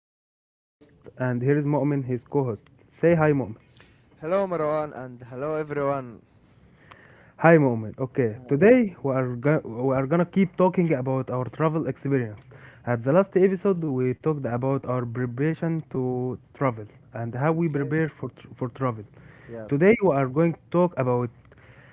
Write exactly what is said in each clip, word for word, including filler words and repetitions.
Marwan, I am host, and here is Mu'min, his co host. Say hi, Mu'min. Hello, Marwan, and hello, everyone. Hi, Mu'min. Okay, Hi. today we are, go- we are gonna keep talking about our travel experience. At the last episode, we talked about our preparation to travel and how we Okay. prepare for, tr- for travel. Yes. Yes. Today, we are going to talk about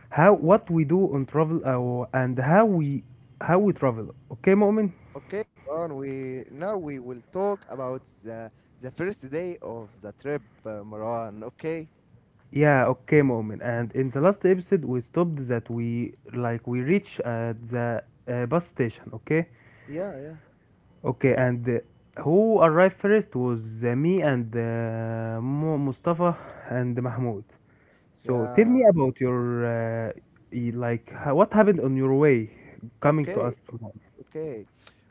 how what we do on travel, uh, and how we how we travel. Okay, Mu'min? Okay, Marwan. We now we will talk about the the first day of the trip, uh, Marwan. Okay. Yeah, okay, moment. And in the last episode, we stopped that we like we reach at the uh, bus station. Okay, Yeah. Yeah. okay. And uh, who arrived first was uh, me and uh, Mu- Mustafa and Mahmoud. So tell me Yeah. about your uh, y- like ho- what happened on your way coming to Okay. us. Muhammad. Okay.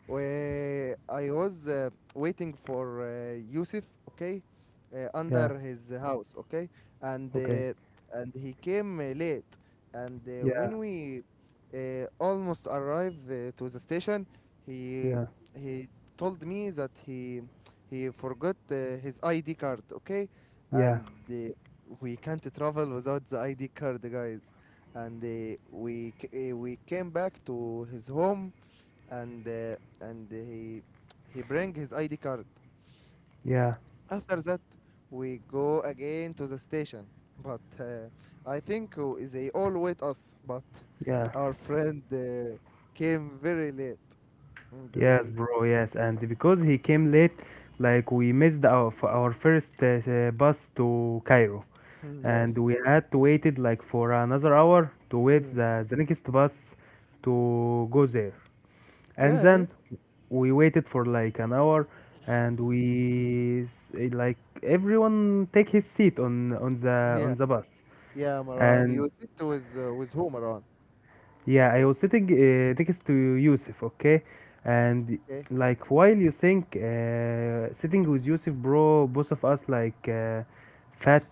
Wh- I was uh, waiting for uh, Yusuf, okay, uh, Yeah. under his house, okay, and Okay. uh, and he came uh, late, and uh, Yeah. when we uh, almost arrived uh, to the station, he Yeah. he told me that he he forgot uh, his I D card, okay, Yeah. and uh, we can't travel without the I D card, guys, and uh, we c- uh, we came back to his home and uh, and he he bring his I D card. Yeah. After that, we go again to the station. But uh, I think uh, they all wait us. But Yeah. our friend uh, came very late, and Yes, we bro. Yes, and because he came late, like we missed our f- our first uh, uh, bus to Cairo, and yes. we had to waited like for another hour to wait Mm. the, the next bus to go there. And Yeah, yeah, then we waited for like an hour, and we s- eh, like everyone take his seat on on the yeah, on the bus, yeah. Maran, and you sit with uh, with who, Maran? yeah, I was sitting uh, next to Yusuf, okay? And Okay. like while you think uh, sitting with Yusuf, bro, both of us like uh, fat,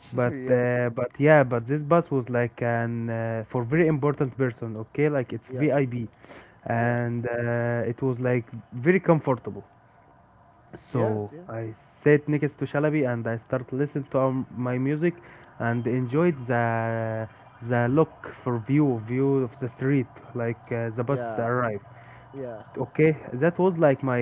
but Yeah, uh, but yeah, but this bus was like an uh, for very important person, okay? Like it's yeah, V I P, yeah, and uh, it was like very comfortable. yes, So yeah, I sit next to Shalabi and I start listening to um, my music and enjoyed the the look for view view of the street like uh, the bus yeah, arrived. yeah. Okay, that was like my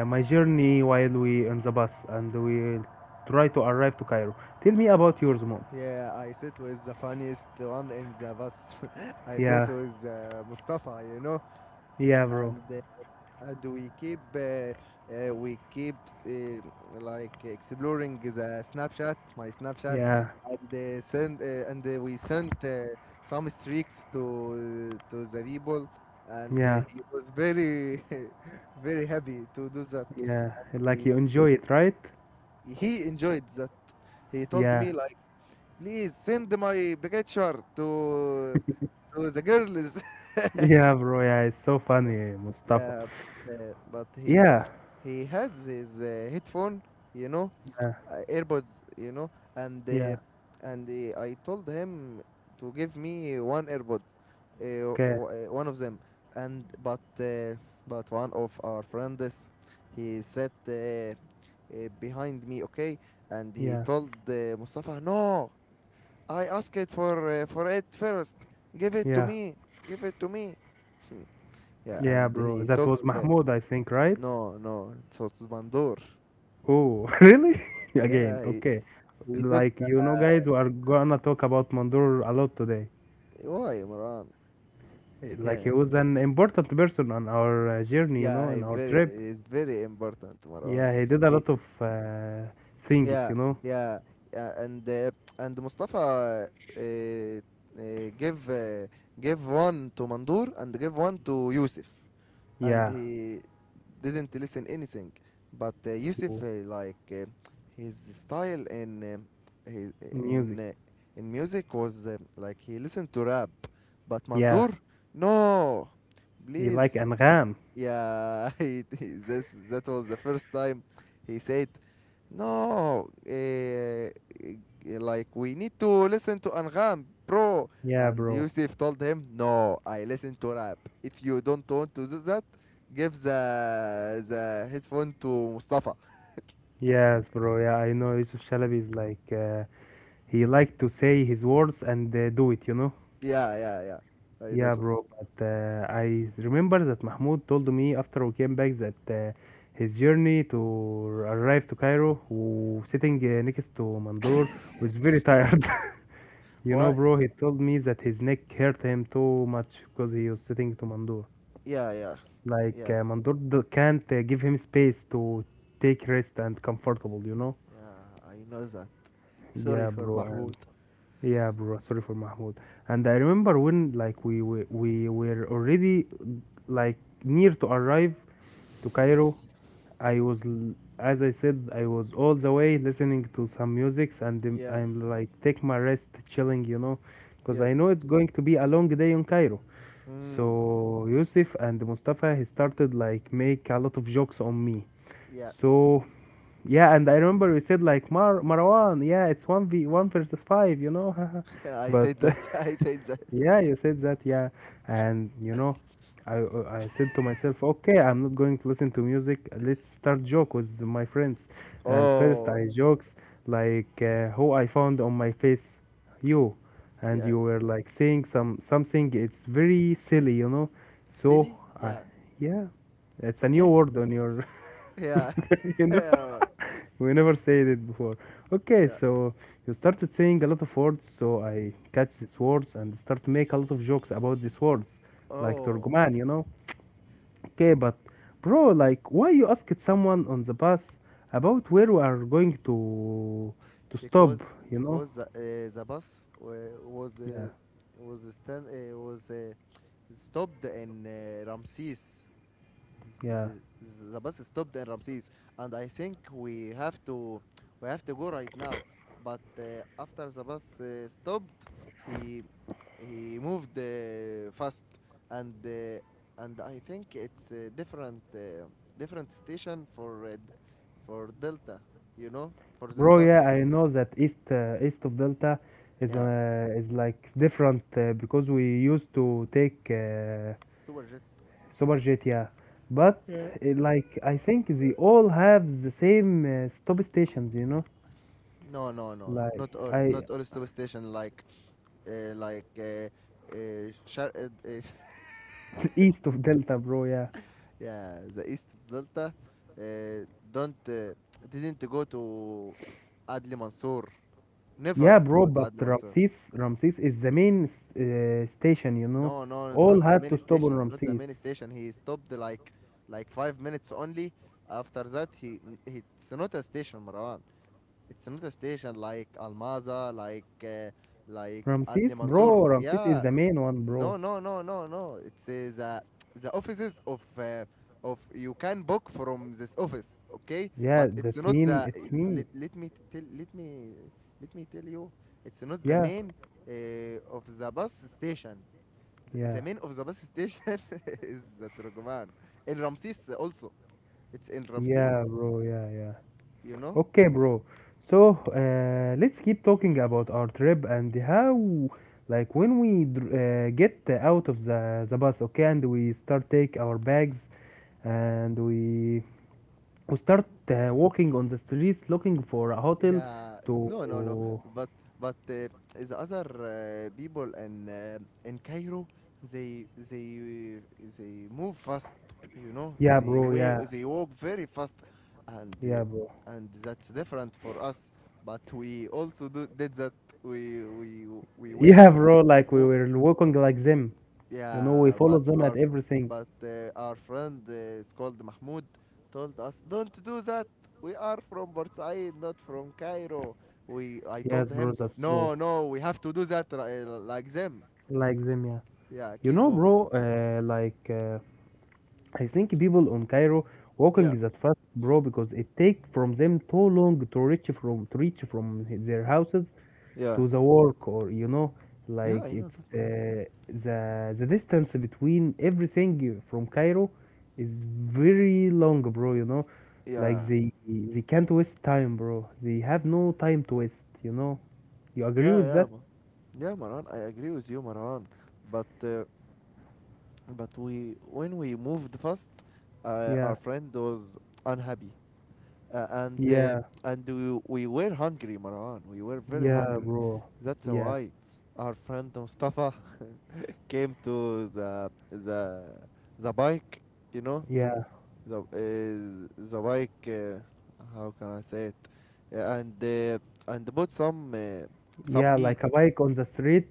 uh, my journey while we on the bus and we try to arrive to Cairo. Tell me about yours, mom. Yeah, I sit with the funniest one in the bus. I sit Yeah, with uh, Mustafa, you know, yeah, bro. and uh, and we keep uh, uh, we keep uh, like exploring the Snapchat, my Snapchat, Yeah, and uh, send uh, and uh, we sent uh, some streaks to uh, to the people, and uh, yeah, he was very very happy to do that. yeah. Like He you enjoy it, right? he enjoyed that. He told Yeah, me like, please send my picture to to the girls. yeah, bro. Yeah, it's so funny, Mustafa. Yeah, but, uh, but he Yeah, he has his uh, headphone, you know, yeah, uh, earbuds, you know, and uh, yeah. and uh, I told him to give me one earbud, uh, Okay. w- uh, one of them, and but uh, but one of our friends, he sat uh, uh, behind me, okay, and he Yeah. told uh, Mustafa, no, I asked it for uh, for it first, give it to Yeah. me, give it to me. Yeah, Yeah, and bro. he That took was uh, Mahmoud, I think, right? no, no, so it's Mandur. Oh, really? Again. Yeah, he Okay. he took Like, the. you know, guys, we are gonna talk about Mandur a lot today. Why, Marwan? Eh, like, Yeah, he was an important person on our uh, journey, you know, yeah, he in our very trip. is very important, Yeah, he Marwan. did a lot He of uh, things, you Yeah, know. yeah, yeah, and uh, and Mustafa uh, uh, give uh, give one to Mandur and give one to Yusuf. And Yeah. he didn't listen anything. But uh, Yusuf, Oh, uh, like uh, his style in um his in music. uh, in music was uh, like he listened to rap, but Yeah. Mandur, no, He like please. Angham. Yeah, he, he- this that was the first time he said, "No, eh, eh, like we need to listen to Angam, bro." Yeah, And bro. Yusuf told him, "No, I listen to rap. If you don't want to do that, give the the headphone to Mustafa." Yes, bro. Yeah, I know Yusuf Shalabi is like, uh, he like to say his words and uh, do it, you know? Yeah, yeah, yeah. I know Yeah, that. bro, but uh, I remember that Mahmoud told me after we came back that uh, his journey to arrive to Cairo, who sitting uh, next to Mandoor, was very tired. You know, Why? bro, he told me that his neck hurt him too much because he was sitting to Mandoor. Yeah, yeah, Like, yeah, uh, Mandoor d- can't uh, give him space to take rest and comfortable, you know? yeah. I know that. Sorry Yeah, for bro, Mahmoud. yeah, bro. Sorry for Mahmoud. And I remember when like we were, we were already like near to arrive to Cairo. I was, l- as I said, I was all the way listening to some musics, and then Yes, I'm like take my rest, chilling, you know, because I yes. know it's going to be a long day in Cairo. Mm, So Yusuf and Mustafa he started like make a lot of jokes on me. yes. So yeah, and I remember you said like Mar Marwan, yeah, it's one v one versus five, you know, Yeah, I but said that. I said that. yeah, you said that, yeah, and you know, I I said to myself, okay, I'm not going to listen to music. Let's start joke with my friends, and first Oh, I jokes like uh, who I found on my face, you, and yeah. you were like saying some something. It's very silly, you know, so Silly? I Yeah. yeah it's a new Okay. word on your, Yeah. you know, Yeah. we never said it before. Okay, Yeah. so you started saying a lot of words, so I Mm. catch these words and start to make a lot of jokes about these words, like Oh, Turgoman, you know. Okay, but bro, like, why you asked someone on the bus about where we are going to to stop, because you know? because the, uh, the bus wa- was Yeah, uh, was stand uh, was uh, stopped in uh, Ramses. He's- yeah. he's- he's- The bus stopped in Ramses, and I think we have to we have to go right now. But uh, after the bus uh, stopped, he he moved uh, fast, and uh, and I think it's a different uh, different station for uh, d- for Delta, you know, for this Bro, yeah, bus. I know that east uh, east of Delta is Yeah, uh, is like different uh, because we used to take uh, Superjet. Super jet, yeah. But Yeah. it, like I think they all have the same uh, stop stations, you know? No, no, no, Like not all, I not all substation like. uh, like uh, uh, Shar- uh, uh, east of Delta, bro, yeah. yeah, the east of Delta. Uh, don't uh, didn't go to Adli Mansour. Yeah, Never bro, go to but Adli Mansour. Ramses Ramses is the main s- uh, station, you know. No, no, All not the had to main stop on station. Not the Ramses. main station. He stopped like like five minutes only. After that, he, he it's not a station, Marwan. It's not a station like Almaza, like uh, like Adli Ramses, Mansour. bro, Ramses is Yeah, the main one, bro. no, no, no, no, no. It's uh, the the offices of uh, of you can book from this office, okay? Yeah, But it's that's not mean. the. It's mean. Let, let me tell let me let me tell you. It's not the Yeah. main uh, of the bus station, the, Yeah, the main of the bus station is the Turkoman. In Ramses also. It's in yeah, Ramses, bro. Yeah, yeah. you know? Okay, bro. So, uh, let's keep talking about our trip and how, like, when we dr- uh, get out of the the bus, okay, and we start take our bags, and we we start uh, walking on the streets looking for a hotel Yeah, no, no, no. to. But but uh, the other uh, people in uh, in Cairo, they they uh, they move fast, you know. Yeah, They bro. way Yeah, they walk very fast, and yeah, bro. uh, and that's different for us. But we also do, did that. We we we were Yeah, bro. Like we move. were walking like them. You know, we Yeah, follow but them our at f- everything. but uh, our friend uh, is called Mahmoud told us don't do that. We are from Port, not from Cairo. We I Yes, told bro. him That's true. no, no, we have to do that ri- uh, like them. Like them, yeah. Yeah, You keep know, moving. bro, uh, like uh, I think people on Cairo walking Yeah, is at fast, bro, because it take from them too long to reach from to reach from their houses yeah, to the work, or you know, yeah. like I know it's that, Marwan. uh, the the distance between everything from Cairo is very long, bro. You know, like Yeah, they they can't waste time, bro. They have no time to waste. You know, you agree yeah, with yeah, that? Marwan. Yeah, Marwan. I agree with you, Marwan. But uh, but we when we moved first, uh, Yeah, our friend was unhappy. Uh, and uh, yeah, and we, we were hungry, Marwan. We were very yeah, hungry. bro. That's Yeah. why our friend Mustafa came to the the the bike. You know Yeah, the uh, the bike. Uh, how can I say it? Yeah, and uh, and bought some uh, some yeah, meat. like a bike on the street,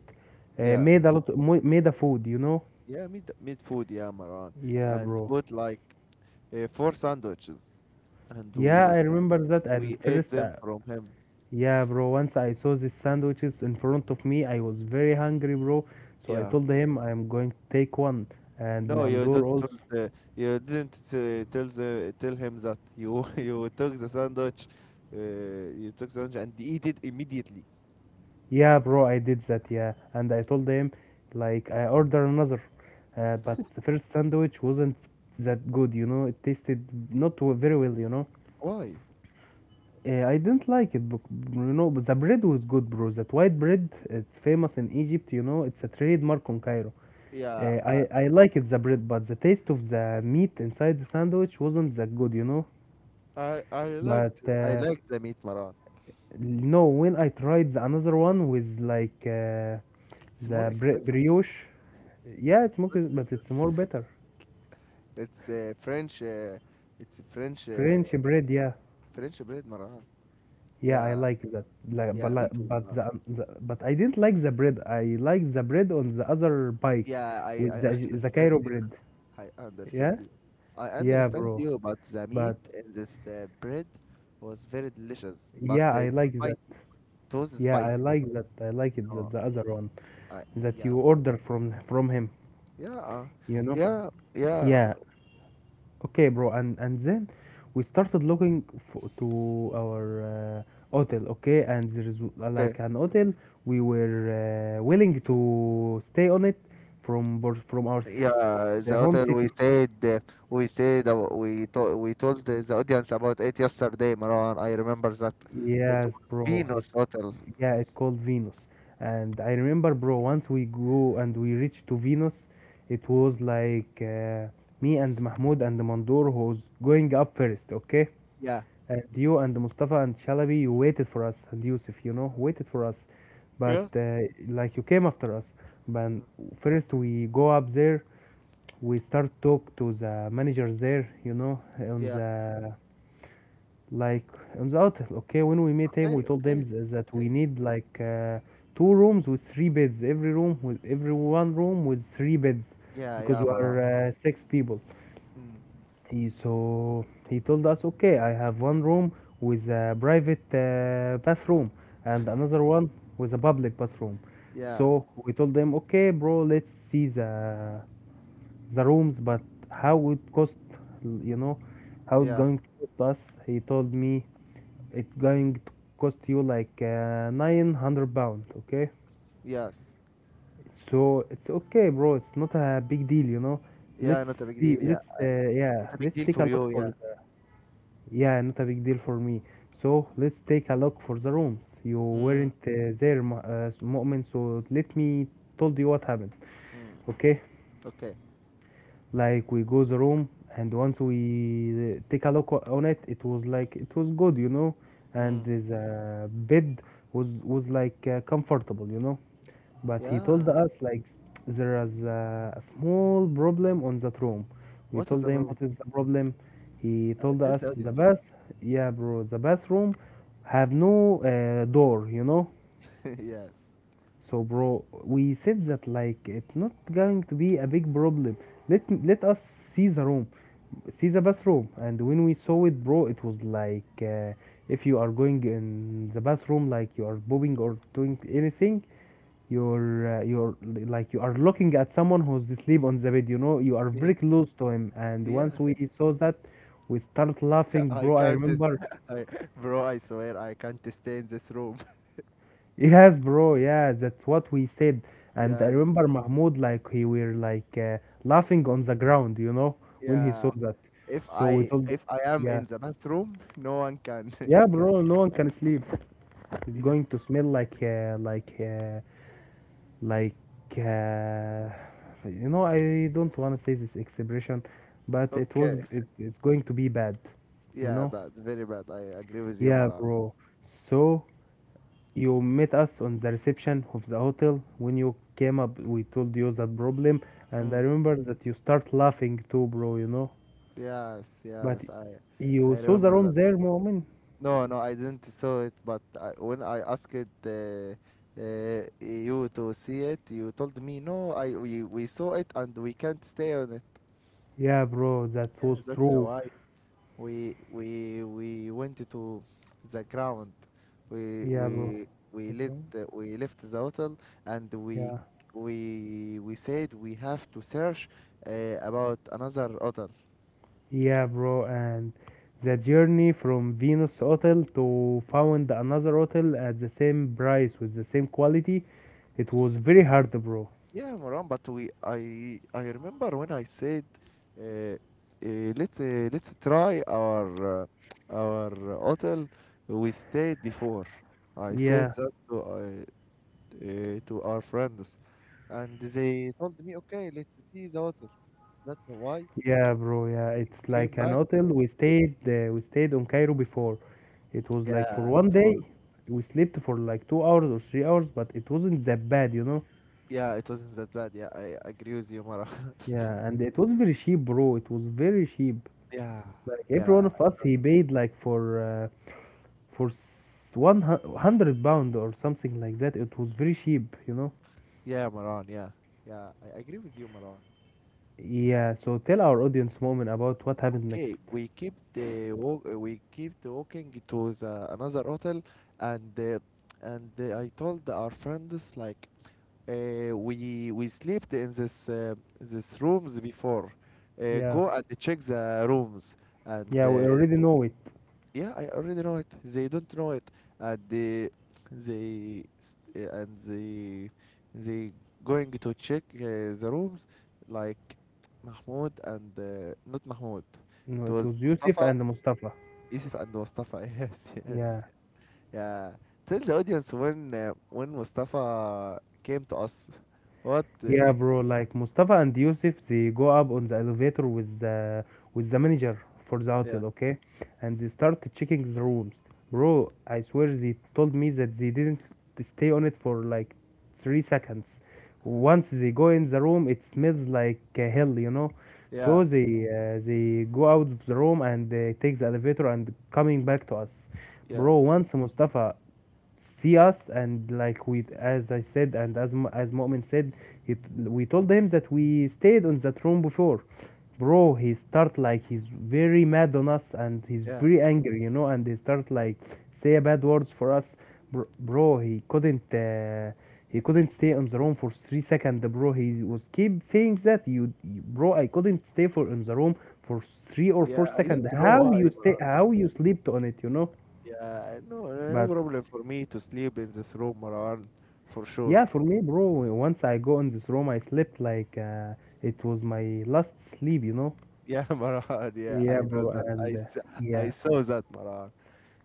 uh, Yeah, made a lot, mo- made a food, you know? yeah, meat meat food. Yeah, Marwan. Yeah, And bro. bought like uh, four sandwiches, and Yeah, we I remember that. And we ate first, them uh, from him. yeah, bro, once I saw these sandwiches in front of me, I was very hungry, bro. So I Yeah. told him I'm going to take one. And No, you mandor don't. also. Told the- you didn't uh, tell the tell him that you you took the sandwich, uh, you took the sandwich and eat it immediately. Yeah, bro, I did that, yeah. And I told him, like, I order another. Uh, but the first sandwich wasn't that good, you know? It tasted not w- very well, you know? Why? Uh, I didn't like it, but you know, but the bread was good, bro. That white bread, it's famous in Egypt. You know, it's a trademark on Cairo. Uh, Yeah, I I I like it the bread, but the taste of the meat inside the sandwich wasn't that good, you know. I I liked But I uh, liked the meat, Maran. no, when I tried the another one with like uh, It's more the bre expensive, brioche, yeah, it's more, not for but you. it's more better. It's uh, French. Uh, it's French uh, French bread, yeah. French bread, Maran. Yeah, I Yeah, like that. Like, but yeah, like, me too, but Maran. the, the but I didn't like the bread. I liked the bread on the other bike Yeah, I I with the the Cairo understand. bread. I understand Yeah, you. I yeah, understand bro. you, but the meat But in this uh, bread was very delicious, but yeah, I it's like that. spicy. It was Yeah, I spicy. like that. I like it No, that the other one I. that Yeah, you order from from him. yeah, uh, You know. yeah, yeah. Yeah, okay, bro, and and then we started looking for, to our uh, hotel. Okay, and there's uh, Okay, like an hotel we were uh, willing to stay on it from Bur- from our s- yeah. s- The the home hotel we city. said uh, we said uh, we to we told the, the audience about it yesterday, Marwan. I remember that it Yes, was bro. It Venus Hotel. yeah, it called Venus. And I remember, bro, once we go and we reach to Venus, it was like uh, me and Mahmoud and Mandur who was going up first. Okay. Yeah. And you and Mustafa and Shalabi, you waited for us, and Yusuf, you know, waited for us. But Yeah. uh, like you came after us. But Mm, first we go up there, we start talk to the managers there, you know, on yeah. the like on the hotel. Okay, when we meet him, we Okay, told them okay, th- that we okay. need like uh, two rooms with three beds, every room with every one room with three beds, Yeah, because yeah, we Marwan. are uh, six people. Mm, He so he told us, okay, I have one room with a private uh, bathroom and another one with a public bathroom. yeah, So we told them, okay, bro, let's see the the rooms, but how it cost, you know, how it yeah, going to cost us? He told me it's going to cost you like uh, nine hundred pound, okay? yes. So it's okay, bro. It's not a big deal, you know. Yeah, Let's not a big see. deal. Yeah, Let's uh, I- yeah. not a big Let's deal for take a you. look Yeah. for the yeah, not a big deal for me. So let's take a look for the rooms. You Mm, weren't uh, there, Mu- uh, Mu'min, so let me told you what happened. mm, Okay, okay. like we go the room and once we uh, take a look on it it was like it was good you know and Mm, the bed was was like uh, comfortable you know but he yeah. told us like there is a, a small problem on that room we What is told the him problem? what is the problem he Uh, told Tell us the the audience. bath yeah bro the bathroom have no uh, door you know Yes. so, bro, we said that like it's not going to be a big problem. Let let us see the room, see the bathroom, and when we saw it, bro, it was like uh, if you are going in the bathroom, like you are bobbing or doing anything, you're uh, you're like you are looking at someone who's asleep on the bed. You know, you are Yeah. very close to him. And once we Yeah. saw that, we started laughing, I bro. I can't. s- remember. I, bro, I swear I can't stay in this room. Yes, bro. Yeah, that's what we said. And I Yeah. n- remember Mahmoud, like he were like uh, laughing on the ground, you know, when he saw Yeah. that. If So we I told him, if I am yeah, in the bathroom, no one can yeah, can. bro. No one can sleep. It's Yeah. going to smell like, uh, like, uh, like, uh, you know. I don't want to say this expression, but it was. Okay. It, it's going to be bad, you Yeah, know. but very bad. I agree with you, Yeah, Mara. bro. So you met us on the reception of the hotel when you came up. We told you that problem, and I Mm. remember that you start laughing too, bro. You know, Yes. but Yes. I I you saw the remember room that. there, moment. No, no, I didn't saw it, but I, when I asked uh, uh, you to see it, you told me no. I we, we saw it and we can't stay on it. Yeah, bro, that Yeah, was that's uh, true. why we we we went to the ground. We Yeah, bro. we we Like, let bro? the- we left the hotel, and we Yeah, we we said we have to search uh, about another hotel. yeah, bro. And the journey from Venus Hotel to found another hotel at the same price with the same quality, it was very hard, bro. Yeah, Moran, but we I I remember when I said uh, uh, let's uh, let's try our uh, our hotel we stayed before. I said Yeah. that to uh, uh, to our friends, and they told me, okay, let's see the hotel. That's why Yeah, bro. Yeah, it's came like an back hotel. to. We stayed. Uh, we stayed on Cairo before. It was like for Yeah, one it was. day. We slept for like two hours or three hours, but it wasn't that bad, you know. Yeah, it wasn't that bad. Yeah, I agree with you, Moran. Yeah, and it was very cheap, bro. It was very cheap. Yeah, Like every one yeah, of us, he paid like for uh, for s- one hu- hundred pound or something like that. It was very cheap, you know. yeah, Moran. Yeah, yeah, I agree with you, Moran. Yeah. So tell our audience, moment, about what happened next. Okay, we keep the walk, we keep the walking to the another hotel, and uh, and uh, I told our friends like, uh, we we slept in this uh, this rooms before. Uh, Yeah. Go and check the rooms, and Yeah, we uh, already know it. yeah, I already know it. They don't know it. And they they st- uh, and they they going to check uh, the rooms, like Mahmoud. And uh, not Mahmoud, No, it it was was Yusuf Mustafa. and Mustafa. Yusuf and Mustafa. Yes, yes. Yeah. Yeah, tell the audience, when uh, when mustafa came to us, what uh, Yeah, he- bro. Like Mustafa and Yusuf, they go up on the elevator with the with the manager for the yeah, hotel, okay? And they start checking the rooms. Bro, I swear they told me that they didn't stay on it for like three seconds. Once they go in the room, it smells like uh, hell, you know. yeah, So they uh, they go out of the room and uh, take the elevator and coming back to us. Bro, yes, once Mustafa see us and like we, as I said and as Mu- as Mu'min said it, we told him that we stayed on that room before. Bro, he start like he's very mad on us and he's yeah, very angry, you know, and he start like say bad words for us. Bro, bro he couldn't uh, he couldn't stay on the room for three seconds. Bro, he was keep saying that you you- bro, I couldn't stay for in the room for three or yeah, four I don't seconds know How you why, stay, bro. how you slept on it, you know? Yeah, no, no, no But problem for me to sleep in this room, Marwan, for sure. yeah, for me, bro, once I go in this room, I slept like uh, it was my last sleep, you know? Yeah, Marwan, yeah, I Yeah, know bro, that. I, and uh, s- I yeah, saw that, Marwan.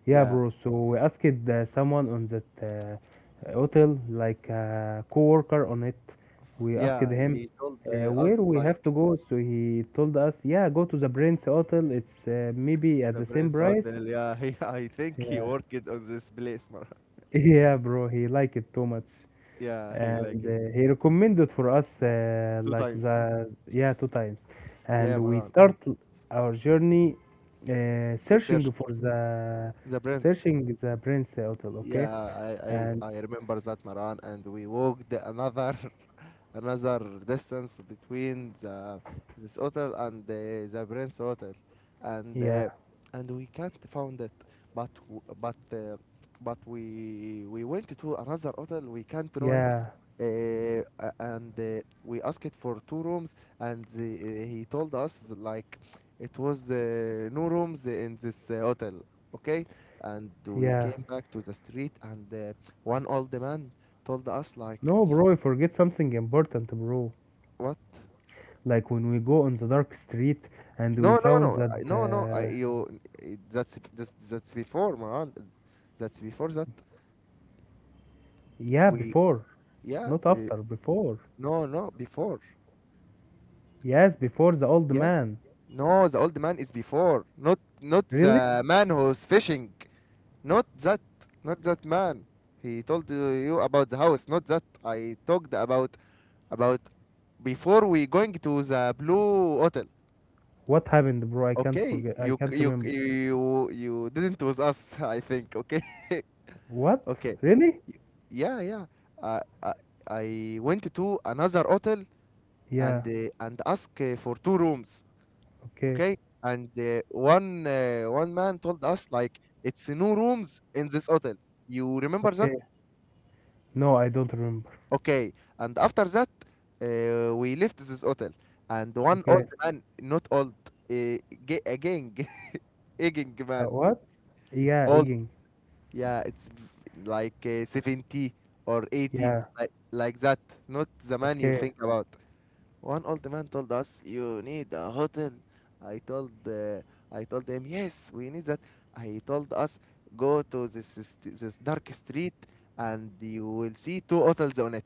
yeah, Yeah, bro. So we asked uh, someone on that uh, hotel, like a co-worker on it. We asked yeah, him he told uh, uh, us where we have like to go. So he told us, yeah, go to the Prince Hotel. It's uh, maybe at the the same Prince price. Hotel. Yeah, he, I think he Yeah, worked on this place, Marwan. yeah, bro. He liked it too much. Yeah, he like And uh, it he recommended for us uh, two like times. the yeah two times, and Yeah, we Marwan, start our journey uh, to searching search for the the Prince. searching the Prince Hotel, okay? Yeah, I, And I, I remember that, Maran, and we walked another another distance between the this hotel and the, the Prince Hotel, and yeah, uh, and we can't found it. But w- but uh, but we we went to another hotel. We can't know it. yeah, Uh, a- and uh, We asked for two rooms, and the, uh, he told us like it was uh, no rooms in this uh, hotel. Okay, and we yeah. came back to the street, and uh, one old man told us like, No, bro, you forget something important, bro. "What? Like when we go on the dark street and we No, no, found no, I- that no, no. I, uh, you, i- that's that's that's before, Maran. That's before that yeah, we. before, Yeah. not Uh, after, before. No, no, before. Yes, before the old Yeah. man. No, the old man is before. Not not Really, the man who's fishing. Not that. Not that man. He told you you about the house. Not that. I talked about about before we going to the blue hotel. what happened, bro? I can't Okay, forget, I you c- can't you remember. c- you you didn't with us, I think. Okay, What? okay. Really? Y- Yeah, yeah. I I, I went to another hotel and Yeah. uh, and asked uh, for two rooms. Okay. Okay, and uh, one uh, one man told us like it's no rooms in this hotel. You remember that? Okay. No, I don't remember. Okay. And after that, uh, we left this hotel, and one Okay. old man, not old, uh, ga- again, aging Uh, man, what? Yeah, eating. yeah, it's v- like uh, seventy or eighty, Yeah. like, like that, not the man you Okay. think about. One old man told us, you need a hotel. I told, uh, I told him, yes, we need that. I told us, go to this, st- this dark street and you will see two hotels on it.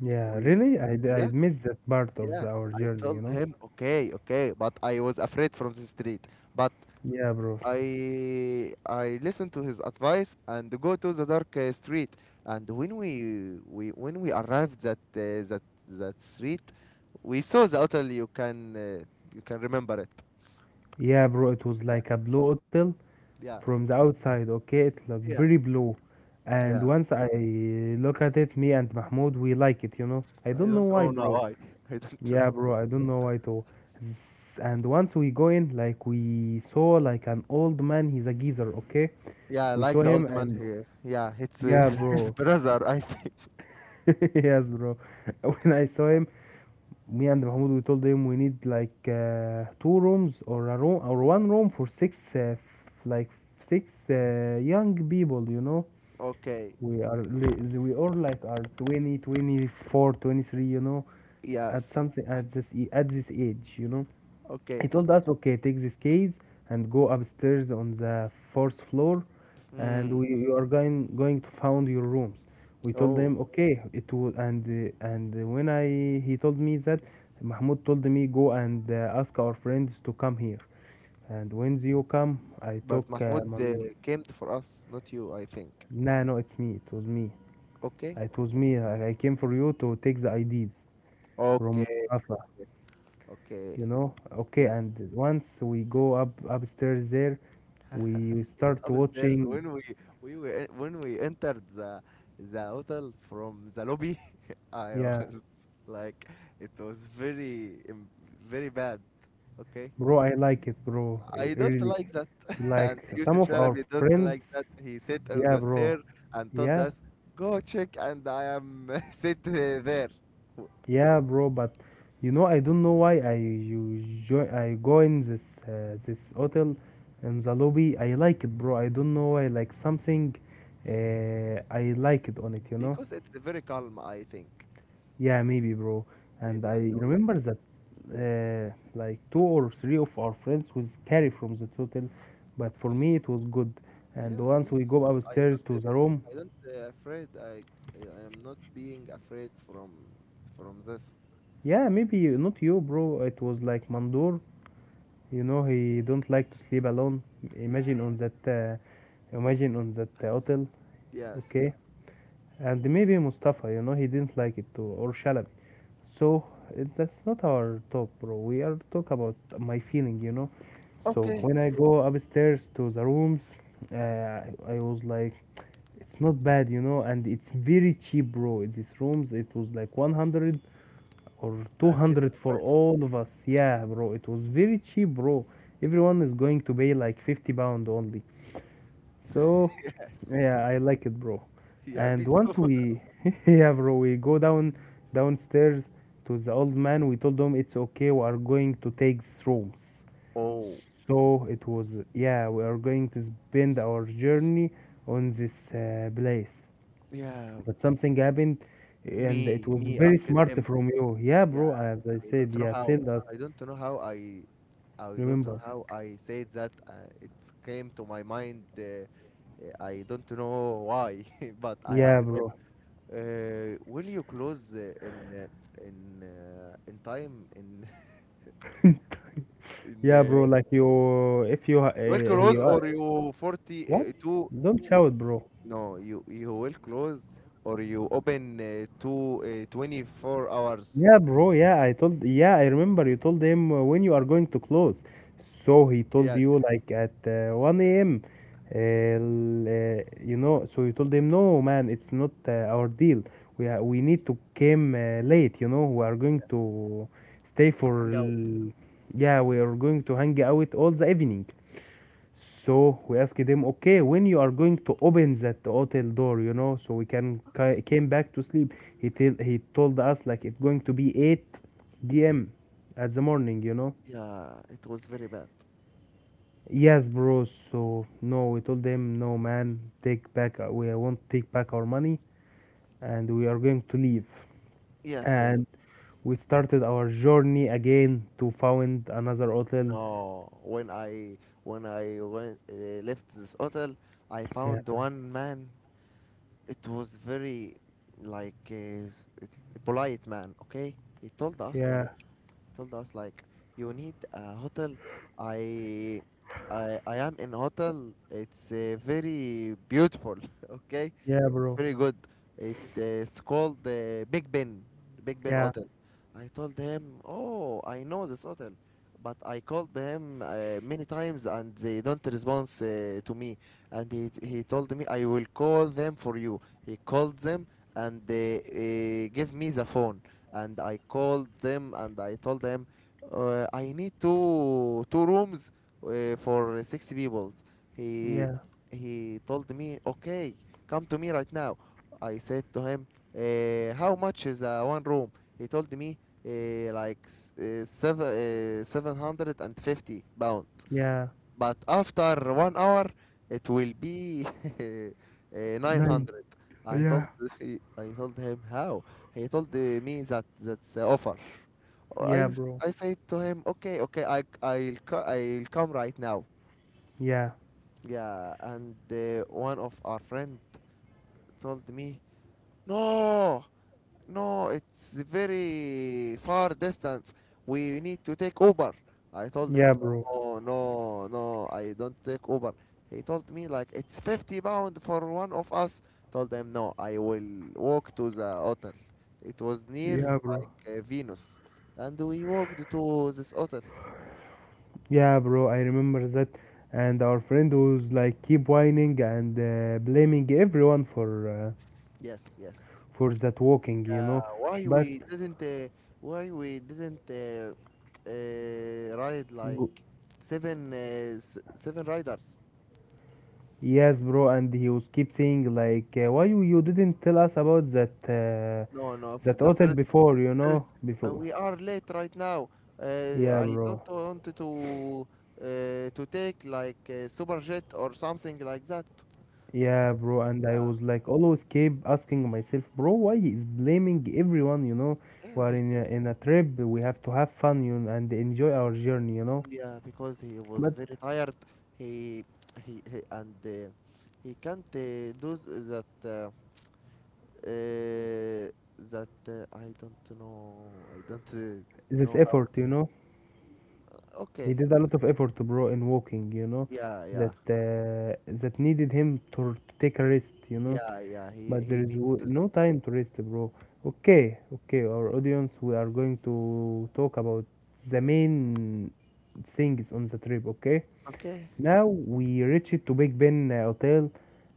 Yeah. We, Really? I, d- I yeah, missed that part of yeah. the our I journey, told you know? him, okay, okay, but I was afraid from the street. But Yeah, bro. I I listened to his advice and go to the dark uh, street. And when we we when we arrived that uh, that that street, we saw the hotel. You can uh, you can remember it. Yeah, bro. It was like a blue hotel from the Yes. outside. Okay. It looked Yeah. very blue. And Yeah. once I look at it, me and Mahmoud, we like it, you know? I I don't know don't why, know now bro. why. I don't Yeah, know bro, why. I don't know why too. S- And once we go in, like we saw like an old man, he's a geezer, okay? Yeah, We like saw the him old man and here. Yeah, it's uh, yeah, his bro. brother, I think. Yes, bro. When I saw him, me and Mahmoud, we told him we need like uh, two rooms or a room or one room for six, uh, f- like six uh, young people, you know? Okay. We are li- we all like are twenty, twenty four, twenty three, you know, at Yes. something at this e- at this age, you know? He Okay. told us okay, take these keys and go upstairs on the fourth floor and Hmm. we you are going going to found your rooms. We told Oh, them okay, it will, and uh, and when I he told me that Mahmoud told me go and uh, ask our friends to come here, and when you come I but took Mahmoud um, uh, um, came for us, not you, I think. no no it's me it was me Okay. it was me, i, I came for you to take the IDs from Okay. Mustafa, Okay. you know? Okay, Yeah. and once we go up upstairs there we Set start upstairs watching. when we we were e- when we entered the the hotel from the lobby, I Yeah, was like, it was very em- very bad. Okay. bro, I like it, bro. I- I don't Really, like that. like And some Yusuf of our Shalabi don't friends. like that. He sat Yeah, on the bro. stair and told Yeah, us, go check, and I am sit uh, there. W- yeah, bro, but you know, I don't know why I you join I go in this uh, this hotel. In the lobby I like it, bro. I don't know why, like something uh, I like it on it, you know. Because it's very calm, I think. Yeah, maybe, bro. And Maybe I I know you. remember that uh, like two or three of our friends was carried from the hotel, but for me it was good. And Yeah, for once me we it's go good. i upstairs don't to uh, the room, i don't uh, afraid. I i I am not being afraid from from this. yeah, maybe not you, bro. It was like Mandur. You know, he don't like to sleep alone. Imagine on that, uh, imagine on that uh, hotel, Yes, yes. okay? And maybe Mustafa, you know, he didn't like it too, or Shalabi. So it, that's not our talk, bro. We are talk about my feeling, you know. So Okay. when I go upstairs to the rooms, uh, I was like, it's not bad, you know, and it's very cheap, bro. These rooms, it was like one hundred or And two hundred for seventy five. all of us. Yeah, bro, it was very cheap, bro. Everyone is going to pay like fifty pound only. So, Yes, yeah. yeah, I like it, bro. Yeah, And me too. once we, yeah, bro, we go down downstairs to the old man. We told him it's okay. We are going to take these rooms. Oh, So it was, yeah, we are going to spend our journey on this uh, place. yeah. But something happened, and it Me, was me very asked smart him. from you. Yeah, bro. Yeah, As I i said, don't know yeah, how tell us. i don't know how I I don't know Remember. how I said that uh, it came to my mind. uh, uh, I don't know why, but I Yeah, asked him, bro. Uh, will you close uh, in uh, in uh, in time in in Yeah, bro. uh, Like you, if you, uh, will close, or you, you forty what? uh, two? Don't You, shout, bro. no, you you will close or you open uh, two, uh, twenty four hours? Yeah, bro. Yeah, I told. Yeah, I remember you told him uh, when you are going to close. So he told Yes, you like at uh, one a m. Uh, l- uh, you know. So you told him, no, man, it's not uh, our deal. We are. We need to came uh, late. You know, we are going yes. to stay for. Hang out. l- yeah, we are going to hang out all the evening. So we asked them, okay, when you are going to open that hotel door, you know, so we can ca- came back to sleep. He tell he told us like it's going to be eight p m at the morning, you know. Yeah, it was very bad. Yes, bro. So no, we told them, no, man, take back. uh, We won't take back our money, and we are going to leave. Yes, yes. And we started our journey again to find another hotel. No, when I when I went, uh, left this hotel, I Yeah, found one man. It was very like uh, s- it- a polite man. Okay, he told us yeah, like he told us like you need a hotel. I i I am in hotel. It's uh, very beautiful. Okay, yeah, it's bro. very good. It uh, it's called the Big Ben, big ben Yeah, Hotel. I told him, oh, I know this hotel, but I called them uh, many times and they don't respond uh, to me. And he, he told me, I will call them for you. He called them, and they uh, give me the phone. And I called them and I told them, uh, I need two two rooms uh, for six people. he yeah, he told me, okay, come to me right now. I said to him, uh, how much is uh, one room? He told me uh, like, s- uh, seven, uh, seven hundred fifty pound, yeah. but after one hour it will be eh, Nine. nine hundred. I Yeah. told, he- I told him how. He told, eh, me that, that's the offer. Or i Yeah, s- bro. I said to him, okay, okay, i i'll co- I'll come right now. Yeah. Yeah, and eh, one of our friend told me, no, no, it's very far distance. We need to take Uber. I told him, Yeah, bro. no, no, no, I don't take Uber. He told me, like, it's fifty pound for one of us. Told him, no, I will walk to the hotel. It was near, Yeah, bro. like, uh, Venus. And we walked to this hotel. Yeah, bro. I remember that. And our friend was like keep whining and uh, blaming everyone for uh, Yes, yes. for that walking, you Yeah, know. why But we didn't, uh, why we didn't uh, uh, ride, like, go- seven, uh, s- seven riders? yes, bro. And he was keep saying like, uh, why you, you didn't tell us about that uh, No, no, for that the hotel first, before, you first, know? uh, Before. we are late right now. Uh, Yeah, I bro. don't want to uh, to take like uh, super jet or something like that. Yeah, bro, and I Yeah. was like always keep asking myself, bro, why he is blaming everyone, you know? We Yeah, are be in a, in a trip, we have to have fun, you know, and enjoy our journey, you know? Yeah, because he was But very tired. He he, he and uh, he can't uh, do s- that. Uh, uh, that uh, I don't know. I don't uh, this know how. effort, you know, he Okay. did a lot of effort, bro, in walking, you know, Yeah, yeah, that uh, that needed him to, to take a rest, you know? yeah, yeah. He But there he is need to w- do that. no time to rest, bro. Okay, okay, our audience, we are going to talk about the main things on the trip, okay? Okay. Now we reached to Big Ben uh, Hotel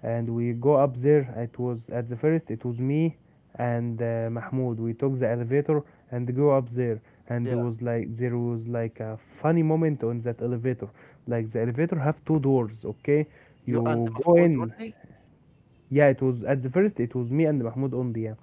and we go up there. It was at the first it was me and uh, Mahmoud. We took the elevator and go up there, and Yeah. there was like there was like a funny moment on that elevator. Like the elevator have two doors, okay? You and You go Mahmoud in. only, Yeah, it was at the first it was me and Mahmoud only. Yeah.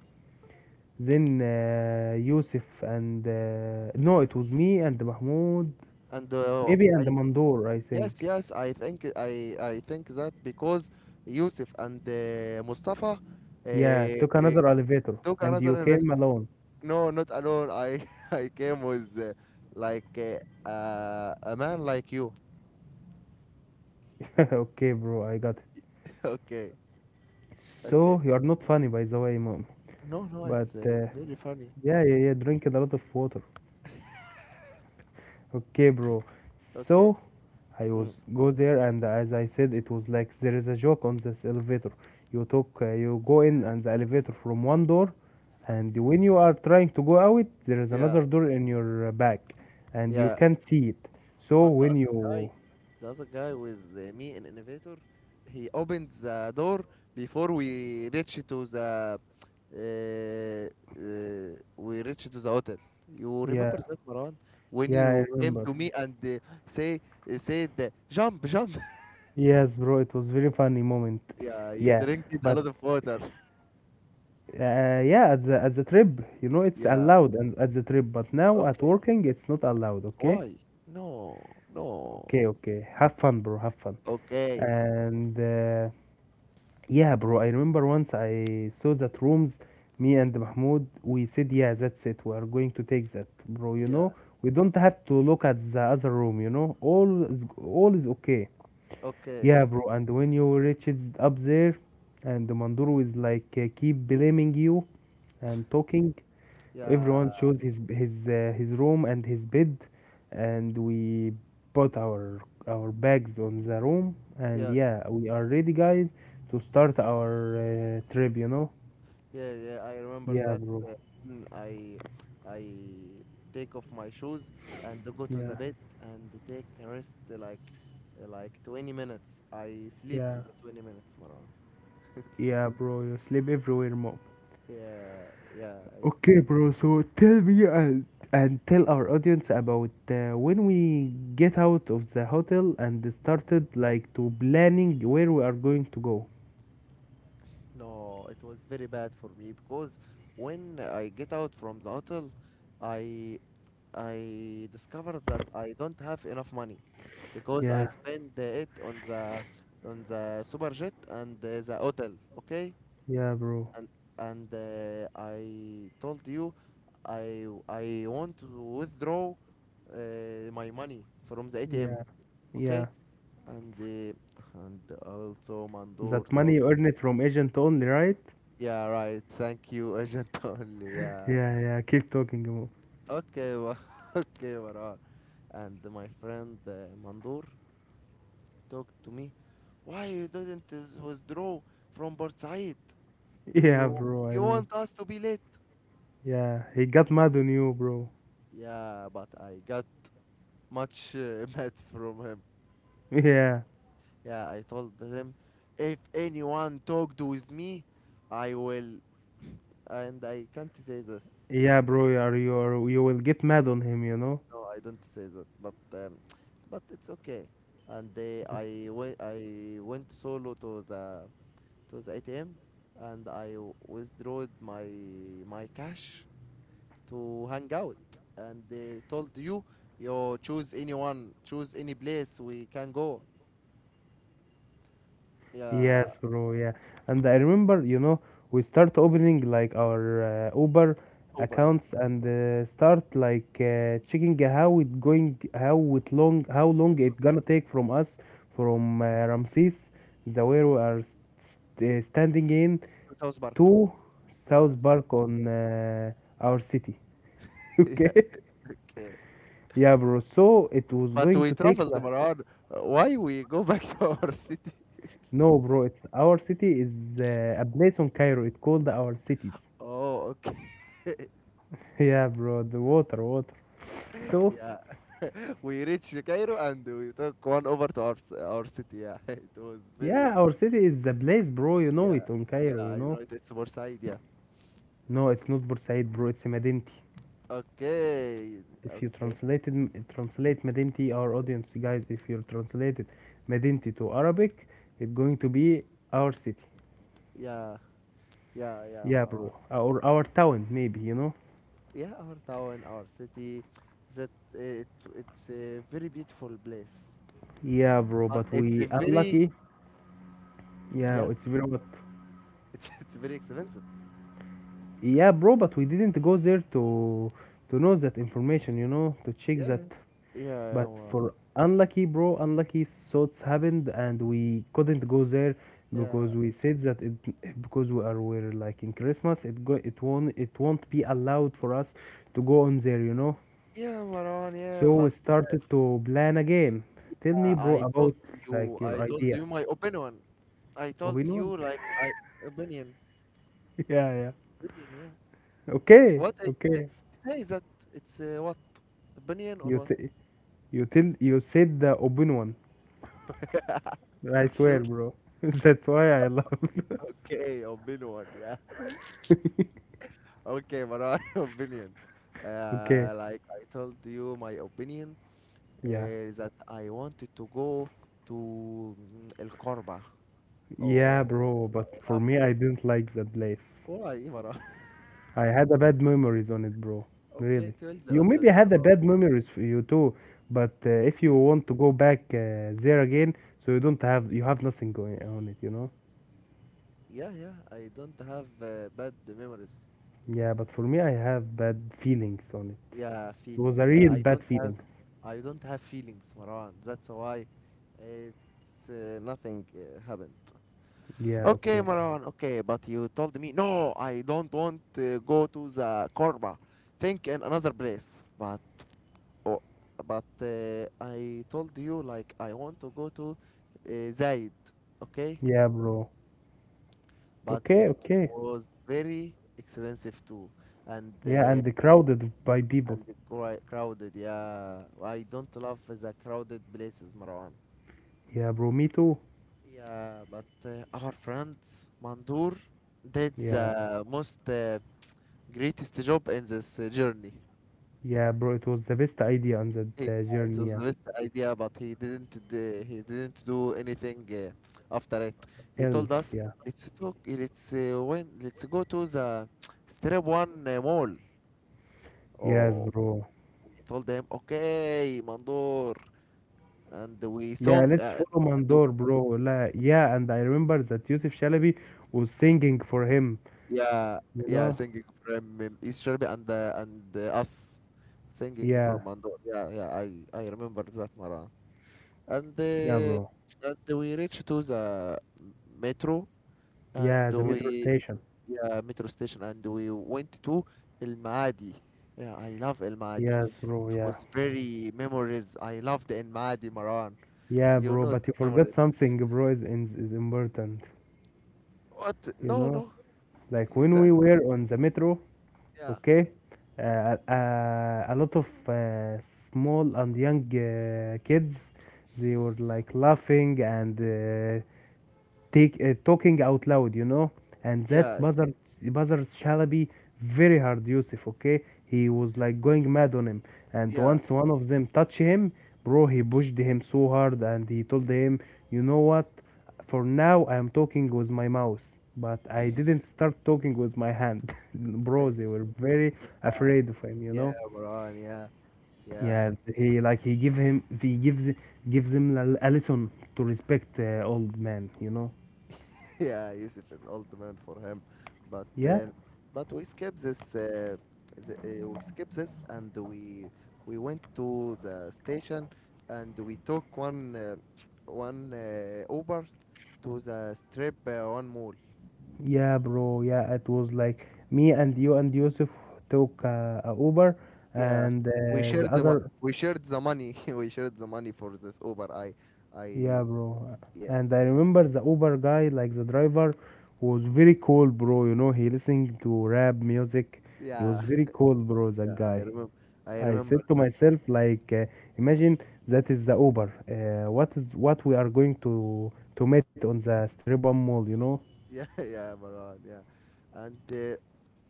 Then uh, Yusuf and uh, no, it was me and Mahmoud, and uh, maybe and I, Mandoor, I yes, think. yes, I think I I think that because Yusuf and uh, Mustafa uh, Yeah, took uh, another elevator took and you another invite. came alone. No, not alone. I I came with uh, like uh, uh, a man like you. Okay, bro, I got it. Okay, okay. So, you are not funny, by the way, mom. No, no, But, it's uh, uh, very funny. yeah, yeah, yeah, drinking a lot of water. Okay, bro. Okay. So, I was Mm, go there and as I said, it was like there is a joke on this elevator. You took, uh, you go in and the elevator from one door, and when you are trying to go out, there is yeah, another door in your uh, back, and you yeah. can't see it. So But the when other you, guy, the other guy with uh, me in Innovator, he opened the door before we reached to the uh, uh, we reached to the hotel. You yeah, remember that, Marwan, when yeah, I you came remember. to me and uh, say uh, said, uh, jump, jump. Yes, bro, it was very funny moment. Yeah, you Yeah, drank it a but lot of water. uh, yeah, at the at the trip, you know, it's Yeah. allowed and at the trip, but now at Okay. working, it's not allowed. Okay, Why? No. okay, No. okay. Have fun, bro. Have fun. Okay. And uh, yeah, bro, I remember once I saw that rooms. Me and Mahmoud, we said, yeah, that's it. We are going to take that, bro. You Yeah. know, we don't have to look at the other room. You know, all is all is okay. Okay. Yeah, bro. And when you reaches up there, and the Manduru is like uh, keep blaming you and talking. Yeah. Everyone chose his his uh, his room and his bed, and we put our our bags on the room. And Yes. yeah, we are ready, guys, to start our uh, trip. You know? Yeah, yeah, I remember Yeah, that bro. uh, when I I take off my shoes and go to the Yeah, bed and take a rest uh, like uh, like twenty minutes. I slept yeah, the twenty minutes, Marwan. yeah, bro. You sleep everywhere, mom. Yeah, yeah. It, Okay, bro. So tell me and, and tell our audience about uh, when we get out of the hotel and started like to planning where we are going to go. No, it was very bad for me because when I get out from the hotel, I I discovered that I don't have enough money because I Yeah, spend uh, it on the on the super jet and uh, the hotel. Okay, yeah, bro. and and uh, I told you, I I want to withdraw uh, my money from the A T M, Yeah, yeah. okay? And uh, and also Mandur That money told, you earn it from agent only, right? yeah, right, thank you, agent only, yeah, Yeah, yeah. Keep talking, bro. okay, wa- okay, Marar. And my friend uh, Mandur talked to me, why you didn't is- withdraw from Port Said? Yeah, You bro. I you know. want us to be late? Yeah, he got mad on you, bro. Yeah, but I got much uh, mad from him. Yeah, Yeah, I told him, if anyone talked with me, I will. And I can't say this. yeah, bro. You are you are you will get mad on him, you know. No, I don't say that. But um, but it's okay. And they, I went, I went solo to the to the A T M, and I withdrew my my cash to hang out. And they told you, you choose anyone, choose any place we can go. Yeah, Yes, bro. Yeah, and I remember, you know, we start opening like our uh, Uber Uber. Yeah, accounts and uh, start like uh, checking how it going, how it long, how it long was it gonna take from us from uh, Ramses, the where we are st- uh, standing in, South Park. to Yeah. South Park so- on uh, our city. Yeah. Okay. Okay. Yeah, bro. So it was But going we to take traveled, like Maran. Uh, Why we go back to our city? no, bro. It's our city is uh, a place on Cairo. It's called our cities. Oh, okay. Yeah, bro, the water, water. So, Yeah. We reached Cairo and we took one over to our c- our city. Yeah. It was very. yeah, our city is the place, bro. You know Yeah. it on Yeah. Cairo, you I know know. it. It's Side. Yeah. No, it's not Bursaid, bro. It's Madinti. Okay. If you Okay. translated translate Madinti, our audience, guys, if you translated Madinti to Arabic, it's going to be our city. Yeah. Yeah. Yeah, Yeah, Maran. bro. Or our town, maybe, you know. Yeah, our town, our city. That uh, it it's a very beautiful place, Yeah, bro. but But it's we a very. unlucky. Yeah, Yes. it's very hot. It's, it's very expensive. Yeah, bro. But we didn't go there to to know that information, you know, to check that. Yeah. Yeah, But yeah, for unlucky, bro, unlucky thoughts happened, and we couldn't go there because yeah, we said that it because we are we're like in Christmas, it go it won't it won't be allowed for us to go on there, you know. yeah, Maran, yeah, So we but started to plan again. Tell me, uh, bro, I about told like you, your I told idea, you my opinion. I told opinion. you, like, I opinion, Yeah, yeah. opinion, yeah. Okay, What is the, okay. say that it's uh, what opinion or You what? t- you tell you said the opinion. I For swear, sure. bro. That's why I love. Okay, opinion, yeah. Okay, Maran, opinion. Okay, Uh, like I told you, my opinion yeah. uh, that I wanted to go to mm, El Corba. Yeah, Oh, bro, but for yeah. me, I didn't like that place. Why, Maran? I had a bad memories on it, bro. Okay, Really. tell the You maybe audience had a about. bad memories for you too, but uh, if you You, want to go back uh, there again, so you don't have you have nothing going on it, you know? yeah, yeah. I don't have uh, bad memories. Yeah, but for me, I have bad feelings on it. Yeah, It feeling. was a Yeah, real I bad don't have, feelings. I don't have feelings, Marwan. That's why it's uh, nothing uh, happened. Yeah, Okay, okay. Marwan. Okay, but you told me no. I don't want to go to the Korba. Think in another place. But, oh, but uh, I told you like I want to go to uh, Zaid. Okay, Yeah, bro. but Okay, it okay. was very expensive too, and. Yeah, Uh, and crowded by people. and the cri- crowded. Yeah, I don't love the crowded places, Marwan. Yeah, bro, me too. Yeah, but uh, our friends Mandur did Yeah, the most uh, greatest job in this uh, journey. yeah, bro. It was the best idea on that He, uh, it journey. was Yeah, the best idea, but he didn't d- he didn't do anything uh, after it. He else, told us, yeah. "Let's talk. Let's uh, when let's go to the Strip One uh, Mall." Yes, Oh, bro. we told them, "Okay, Mandur," and we Yeah, song. let's Uh, follow And Mandor, bro. La, yeah, and I remember that Yusuf Shalabi was singing for him, yeah, you yeah, know? singing from um, East Germany and uh, and uh, us singing for Yeah, Mandor. Yeah, yeah, I I remember that, Maran. And yeah, uh, bro. and we reached to the metro, Yeah, and the metro we, station. yeah, metro station, and we went to El Maadi. Yeah, I love El Maadi. Yes, bro, It yeah. was very memories. I loved El Maadi, Maran. Yeah, You bro, know but you these forgot memories. something, bro, is, is, is important, What? you No, know? no. Like It's when we a, were on the metro, yeah, okay? Uh, uh, a lot of uh, small and young uh, kids, they were like laughing and uh, take uh, talking out loud, you know, and that yeah, bothered bothers Shalabi very hard, Yusuf. Okay, he was like going mad on him, and yeah, once one of them touched him, bro, he pushed him so hard, and he told him, you know what? For now, I am talking with my mouth, but I didn't start talking with my hand, bro. They were very afraid of him, you yeah, know. Maran. Yeah. Yeah, Yeah, he like he give him he gives gives him a, a lesson to respect uh, old man, you know. yeah, Yusuf is old man for him, but Yeah. um, but we skip this, uh, the, uh, we skip this, and we we went to the station, and we took one uh, one uh, Uber to the strip uh, one mall. Yeah, bro. Yeah, it was like me and you and Yusuf took uh, a Uber, Yeah, and uh, we the shared the mo- other, we shared the money, we shared the money for this Uber. I yeah, I bro. yeah, And I remember the Uber guy, like the driver, was very cool, bro. You know, he listening to rap music. He yeah, was very cool, bro. That yeah, I guy. remember I I remember said to that. myself, like, uh, imagine that is the Uber. Uh, what is what we are going to to meet on the Stribon Mall, you know? Yeah, yeah, Maran. yeah, and. Uh,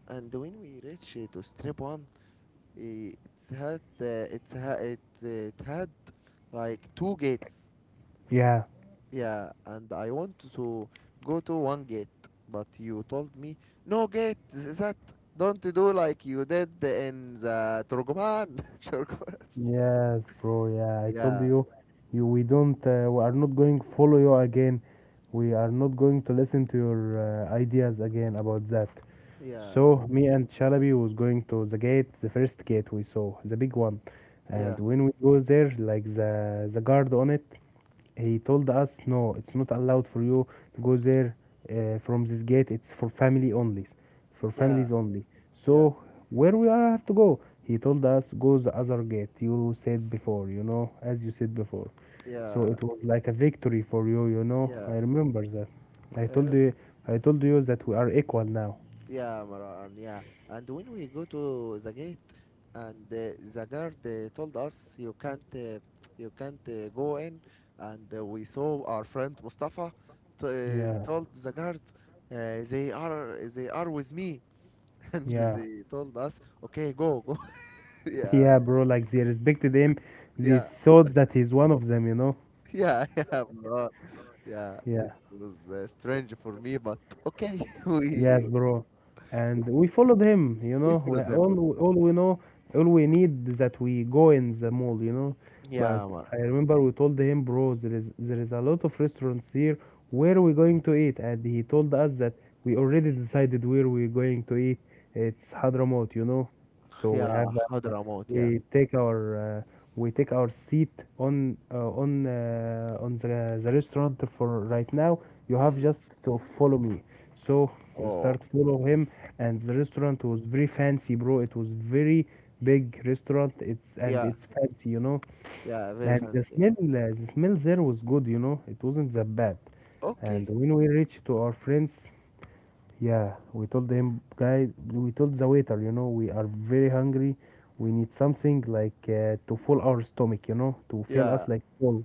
and when we reach uh, to strip one, eh, it's had uh, it's ha- it, uh, it had like two gates. Yeah. Yeah, and I want to go to one gate, but you told me no gate. Is that don't do like you did in the Turkoman. Turkoman. Yes, bro. Yeah, I told Yeah, you, you we don't, uh, we are not going follow you again. We are not going to listen to your uh, ideas again about that. yeah, So me and Shalabi was going to the gate, the first gate we saw, the big one, yeah, and when we go there, like the the guard on it, he told us, no, it's not allowed for you to go there uh, from this gate. It's for family only, for yeah, families only. yeah, So where we are have to go? He told us go the other gate. You said before, you know, as you said before. So yeah, it was like a victory for you, you know. yeah, I remember that. I told uh, you, I told you that we are equal now. yeah, Maran. Yeah, and when we go to the gate, and uh, the guard uh, told us you can't uh, you can't uh, go in, and uh, we saw our friend Mustafa t- uh, Yeah, told the guard uh, they are they are with me. And yeah, they told us, okay, go, go. Yeah, yeah, bro. Like they respected him. They yeah, thought that he's one of them, you know. yeah. Yeah, bro. Yeah, it Yeah. was uh, strange for me, but okay. Yes, we bro. And we, we followed him, you we know. We follow them. all all we know, all we need is that we go in the mall, you know. But Yeah, Omar. I remember we told him, bro, there is there is a lot of restaurants here. Where are we going to eat? And he told us that we already decided where we're going to eat. It's Hadramaut, you know. So we have Yeah, Hadramaut. Yeah. we take our uh, we take our seat on uh, on uh, on the, the restaurant for right now you have Mm. just to follow me, so we Oh. start follow him, and the restaurant was very fancy, bro. It was very big restaurant. It's and Yeah. it's fancy, you know. Yeah, very And the fancy. smell uh, the smell there was good, you know. It wasn't that bad. Okay. And when we reached to our friends, yeah, we told him, guys, we told the waiter, you know, we are very hungry. We need something like uh, to full our stomach, you know, to fill us Yeah. like full.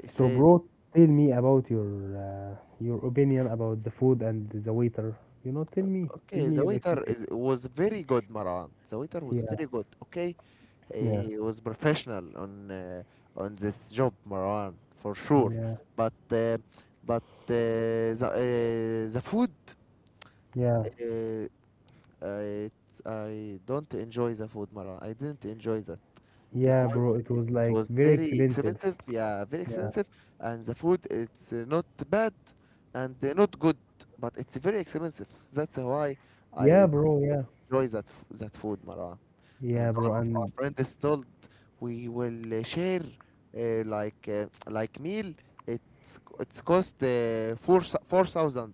He So, said, bro, tell me about your uh, your opinion about the food and the waiter. You know, tell me, tell okay, me the your waiter experience. is, was very good, Maran. The waiter was Yeah, very good, okay? yeah, He, he was professional on uh, on this job, Maran, for sure. yeah, But uh, but uh, the uh, the food, yeah, uh, I I don't enjoy the food, Maran. I didn't enjoy that yeah, because bro. It it was like was very very expensive. expensive. Yeah, very Yeah, expensive, and the food it's uh, not bad and uh, not good, but it's very expensive. That's why. yeah, I don't bro. Yeah, enjoy that f- that food, Marwan. And yeah, all bro. of our And friends told we will uh, share uh, like uh, like meal. It's c- it's cost uh, four thou- four thousand.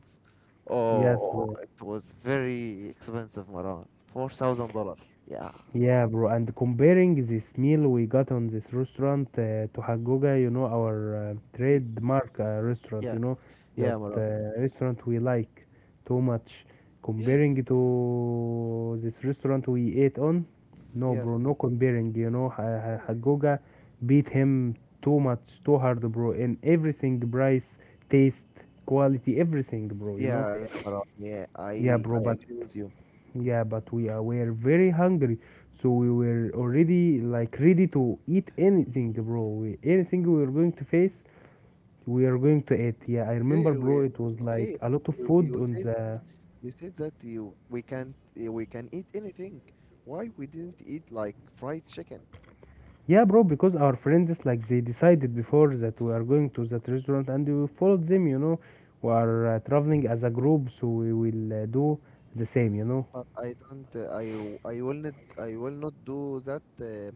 yes, Oh, bro. it was very expensive, Marwan. Four thousand dollar. Yeah, Yeah, bro. And comparing this meal we got on this restaurant uh, to Hagoga, you know, our uh, Y- trademark uh, restaurant, yeah, you know, yeah, that Marwan. uh, restaurant we like too much. Comparing Yes, to this restaurant we ate on, no, yes, bro, no comparing. You know, Ha- Ha- yeah, Hagoga beat him too much, too hard, bro, in everything, price, taste, quality, everything, bro. You know. yeah, yeah, Marwan. Yeah, Yeah, I bro, I but agree with you. yeah, but we are, were very hungry, so we were already like ready to eat anything, bro. We, anything we were going to face, we are going to eat. Yeah, I remember, Okay, bro. we It was like okay. a lot of You food you on say the. You said that you we can't uh, we can eat anything. Why we didn't eat like fried chicken? Yeah, bro, because our friends like they decided before that we are going to that restaurant, and we followed them. You know, we are uh, traveling as a group, so we will uh, do the same. You know, But I don't. Uh, I w- I will not. I will not do that uh,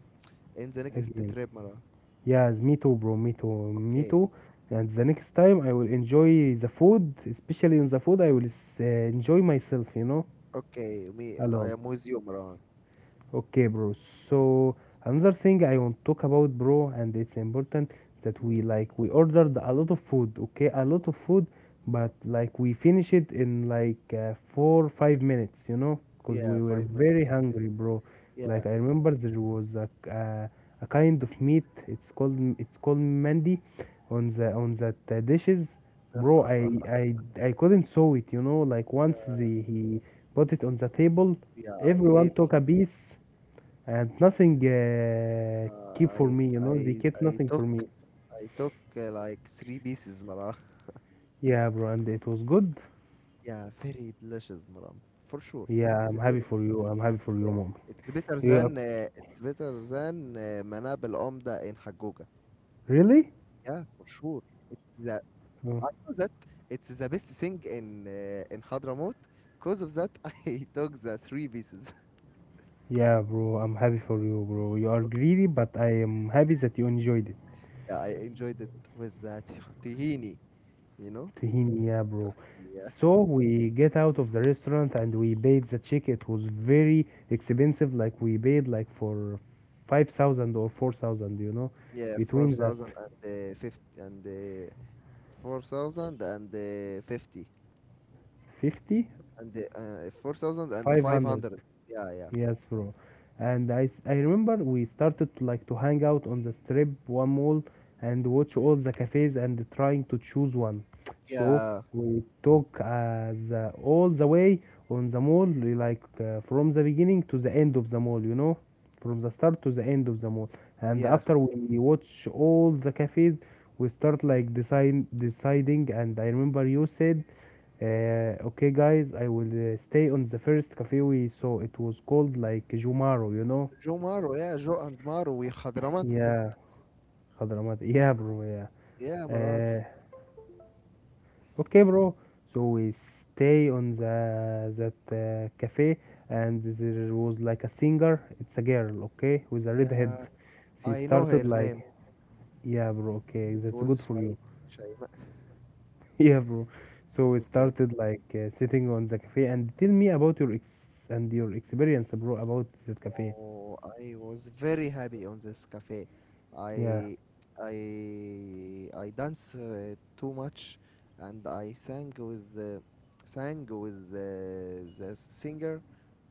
in the next again. trip, Maran. Yes, me too, bro. Me too. Me Okay. too. And the next time I will enjoy the food, especially on the food, I will s- uh, enjoy myself, you know, Okay. Me. alone. I am with you, Maran. Okay, bro. So another thing I want to talk about, bro, and it's important that Mm. we like we ordered a lot of food. Okay, a lot of food, but like we finish it in like uh, four five minutes. You know, because Yeah. we were Five very minutes only. hungry, bro. Yeah. Like I remember there was a uh, a kind of meat. It's called it's called Mandy, on the on that uh, dishes, bro. I I I couldn't saw it. You know, like once Yeah. the, he put it on the table, Yeah. I everyone ate. took a piece and nothing uh, keep Uh, for I me, you I know, they kept I nothing took. for me. I took uh, like three pieces, Maran. Yeah, bro, and it was good. Yeah. Very delicious, Maran. For sure. Yeah, It's I'm happy very. for you, I'm happy for you, Yeah, mom. it's better Yeah, than uh, it's better than uh, Manab Al-Umda in Haggooga. really. Yeah, for sure. It's the Oh, I know that it's the best thing in uh, in Hadramaut. Cause of that, I took the three pieces. yeah, bro, I'm happy for you, bro, you are greedy, but I am happy that you enjoyed it. Yeah, I enjoyed it with the tih- tahini. You know? Tahini, yeah, bro. Yeah, So we get out of the restaurant and we paid the check. It was very expensive, like we paid like for five thousand or four thousand, you know, yeah, four between that. thousand and uh, fifty and uh, four thousand and uh, fifty Fifty, and uh, uh, four thousand and five five hundred. hundred. Yeah, yeah, Yes, bro. And I, s- I remember we started to, like to hang out on the strip one mall and watch all the cafes and trying to choose one. So yeah, we talk uh, the, all the way on the mall, li- like uh, from the beginning to the end of the mall, you know, from the start to the end of the mall. And yeah. after we watch all the cafes, we start like decide, deciding. And I remember you said uh, okay, guys, I will uh, stay on the first cafe we saw. It was called like Jumaro, you know? جو مارو yeah Joe and Maru. We حضرموت it- Yeah, Hadramat. Yeah, bro. Yeah. yeah, Marwan. Uh, okay, bro. So we stay on the that uh, cafe, and there was like a singer. It's a girl, okay, with a red head. Yeah, She I know her started like, name. yeah, bro. Okay, It that's good was for Shai. you. Shai. Yeah, bro. So we Okay. started like uh, sitting on the cafe, and tell me about your ex and your experience, bro, about that cafe. Oh, I was very happy on this cafe. Yeah, I I I dance uh, too much, and I sang with uh, sang with uh, the singer.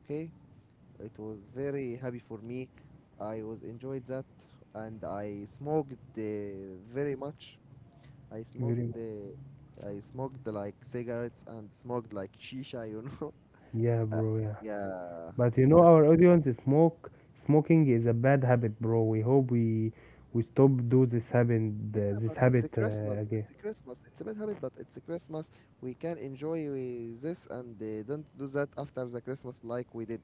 Okay. It was very happy for me. I was enjoyed that. And I smoked uh, very much. I smoked very, the I smoked like cigarettes and smoked like shisha, you know. yeah, Uh, bro, yeah. yeah, But you know, yeah, our audience smoke. Smoking is a bad habit, bro. We hope we we stop do this habit, yeah. uh, this But it's habit a Christmas. uh, again. It's a Christmas. It's a bad habit, but it's a Christmas. We can enjoy with this and uh, don't do that after the Christmas like we did.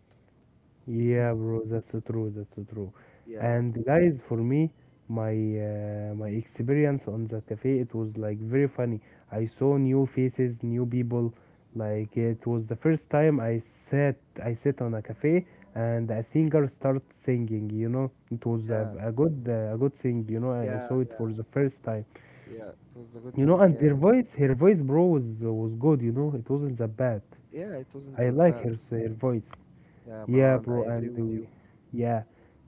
Yeah, Mhm. bro, that's so true. That's so true. Yeah, well, And guys, for me, my uh, my experience on the cafe, it was like very funny. I saw new faces, new people. Like it was the first time I sat I sat on a cafe and a singer started singing. You know, it was a, yeah, a good uh, a good thing. You know, I I yeah, saw it yeah, for the first time. yeah. It was a good You know, thing. and Yeah, their voice, her voice, bro, was was good. You know, it wasn't that bad. yeah. It wasn't I that like bad. her her voice. Yeah, Yeah, Maran, I bro, and agree with we, you. yeah,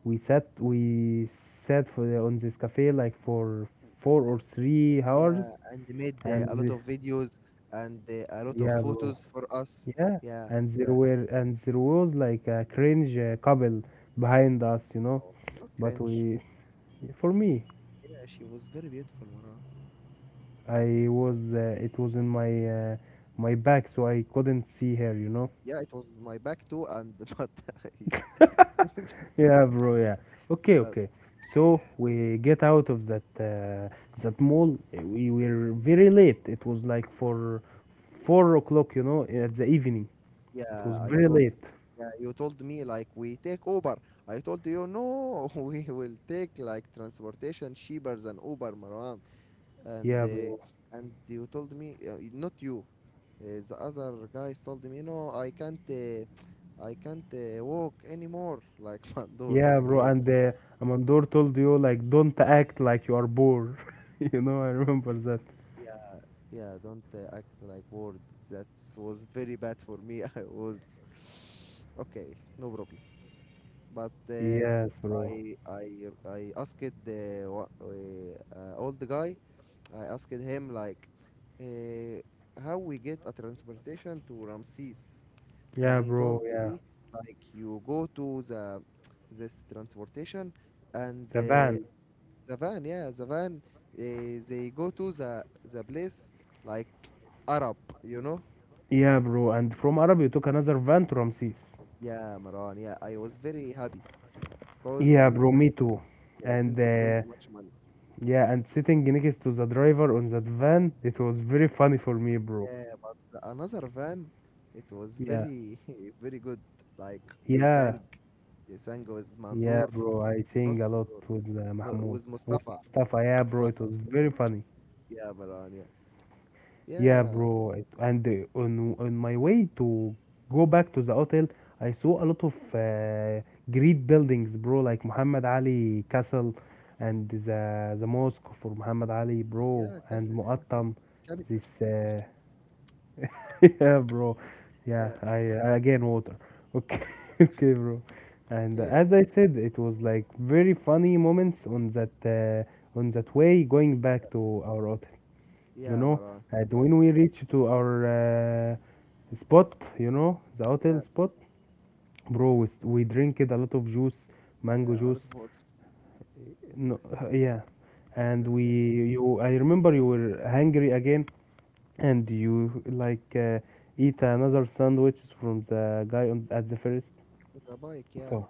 we sat we sat for the, on this cafe like for four or three Yeah, hours, and they made uh, and a lot the- of videos and uh, a lot of yeah, bro, photos for us. yeah, Yeah, and there yeah. were and there was like a cringe uh, couple behind us, you know. Oh, not But cringe. we, for me, Yeah, she was very beautiful, Mara. I was uh, it was in my uh, my back, so I couldn't see her, you know. Yeah, it was my back too, and but I, Yeah, bro. Yeah. Okay, but okay. So we get out of that uh, that mall. Uh, We were very late. It was like for four o'clock, you know, at the evening. It was yeah, I very told late. yeah, you told me like we take Uber. I told you no, we will take like transportation cheaper than Uber, Marwan. And Yeah, bro. uh, and you told me, uh, not you, uh, the other guys told me no, I can't, uh, I can't uh, walk anymore like Mandur Yeah, bro. again. And uh, Amandor told you like, don't act like you are bored. You know, I remember that. Yeah, yeah, don't uh, act like bored. That was very bad for me. I was okay, no problem. But uh, Yes, bro. I I I asked the wa- uh, uh, old guy. I asked him like, uh, how we get a transportation to Ramses, Yeah, and he bro. told Yeah. me like you go to the this transportation, and The uh, van. the van, yeah, the van. Uh, they go to the the place like Arab, you know. Yeah, bro. And from Yeah, Arab, you took another van to Ramses. yeah, Marwan. Yeah, I was very happy because Yeah, we, bro, me too. yeah, And didn't spend uh, much money. yeah, and sitting next to the driver on that van, it was very funny for me, bro. Yeah, but the, another van, it was Yeah, very very good. Like you yeah, sang, you sang with yeah, Mandur, bro. I not sing a lot Mandur. with uh, Yeah, no, Mahmoud, with with Mustafa, Mustafa. Yeah, bro, it Mustafa. was very funny. Yeah, Marwan. Yeah, Yeah, yeah, bro. It, and uh, on on my way to go back to the hotel, I saw a lot of uh, great buildings, bro, like Muhammad Ali Castle and the the mosque for Muhammad Ali, bro, yeah, and castle. Yeah, Muattam, capital. this uh, yeah, bro. Yeah, Yeah, I uh, again water. Okay, okay, bro. And okay. as I said, it was like very funny moments on that uh, on that way going back to our hotel. You Yeah, know, Marwan. and Yeah. when we reached to our uh, spot, you know, the hotel Yeah. spot, bro, we, s- we drank it a lot of juice, mango Yeah, a lot of juice. water. No, yeah, and we Okay. you I remember you were hungry again, and you like uh, eat another sandwiches from the guy on at the first The bike, yeah. four.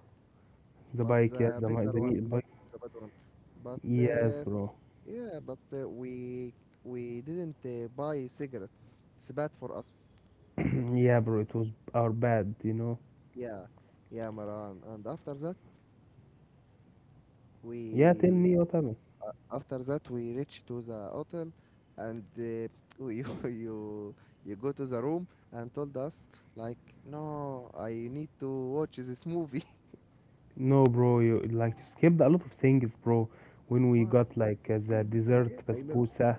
The But bike, yeah, the the mi- better the one, meat not bike. the bad one. But Yes, uh, bro. yeah, but uh, we we didn't uh, buy cigarettes. It's bad for us. Yeah, bro, it was our bad, you know. Yeah, yeah, Maran. And after that, Yeah, tell we me what happened. after that we reach to the hotel, and uh, you you you go to the room and told us, like, no, I need to watch this movie. No, bro, you like you skipped a lot of things, bro. When we Why? got like uh, the Okay, but dessert okay, I know. basbousa,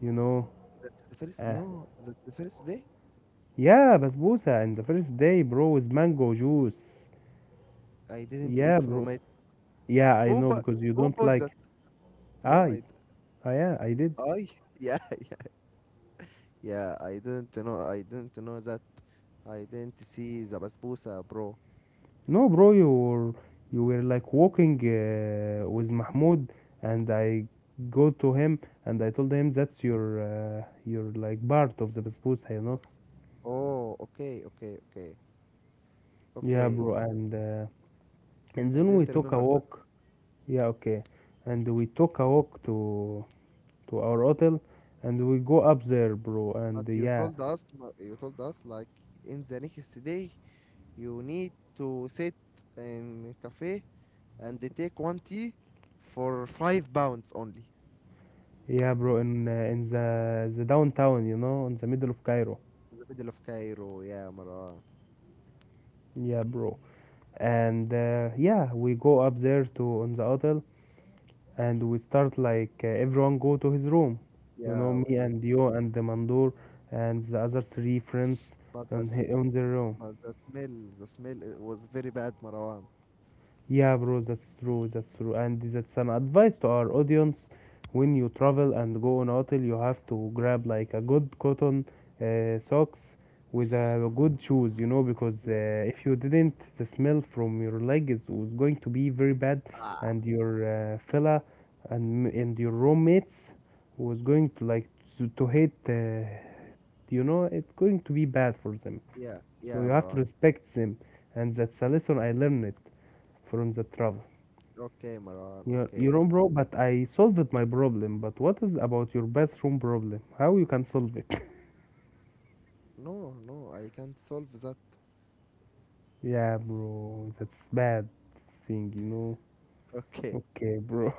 you know. That's the first Uh, no, That's the first day. yeah, basbousa, and the first day, bro, with mango juice. I didn't eat Yeah, from bro. it. Yeah, I Who know but because you who don't bought like. that? No, I, I d- I yeah, I did. I yeah, yeah, yeah, I didn't know I didn't know that. I didn't see the basbousa, bro. No, bro, you were, you were like walking uh, with Mahmoud, and I go to him and I told him that's your, uh, your like part of the basbousa, you know? Oh, okay, okay, okay, Yeah, okay. bro, and uh, and I then we didn't took a remember that. walk. Yeah, okay, and we took a walk to to our hotel, and we go up there, bro, and But uh, you yeah, told us you told us, like, in the next day you need to sit in cafe and they take one tea for five pounds only. yeah, bro, in uh, in the the downtown, you know, in the middle of Cairo. In the middle of Cairo, yeah, Marwan. Yeah, bro. And uh, yeah, we go up there to on the hotel, and we start like uh, everyone go to his room, you know, Yeah, me you and you and the Mandur and the other three friends but the on, s- hi- on their room. but the smell the smell it was very bad, Marwan. Yeah, bro, that's true, that's true. And that's an advice to our audience. When you travel and go on hotel, you have to grab like a good cotton uh, socks with a good shoes, you know, because uh, Yeah, if you didn't, the smell from your leg is was going to be very bad, ah, and your uh, fella and and your roommates was going to like to, to hate, uh, you know, it's going to be bad for them. yeah, So yeah, you have to Marwan. respect them, and that's a lesson I learned from the travel. Okay, Marwan. Your Okay. your own bro, but I solved my problem. But what is about your bathroom problem? How you can solve it? No, no, I can't solve that. Yeah, bro, that's bad thing, you know. Okay. Okay, bro.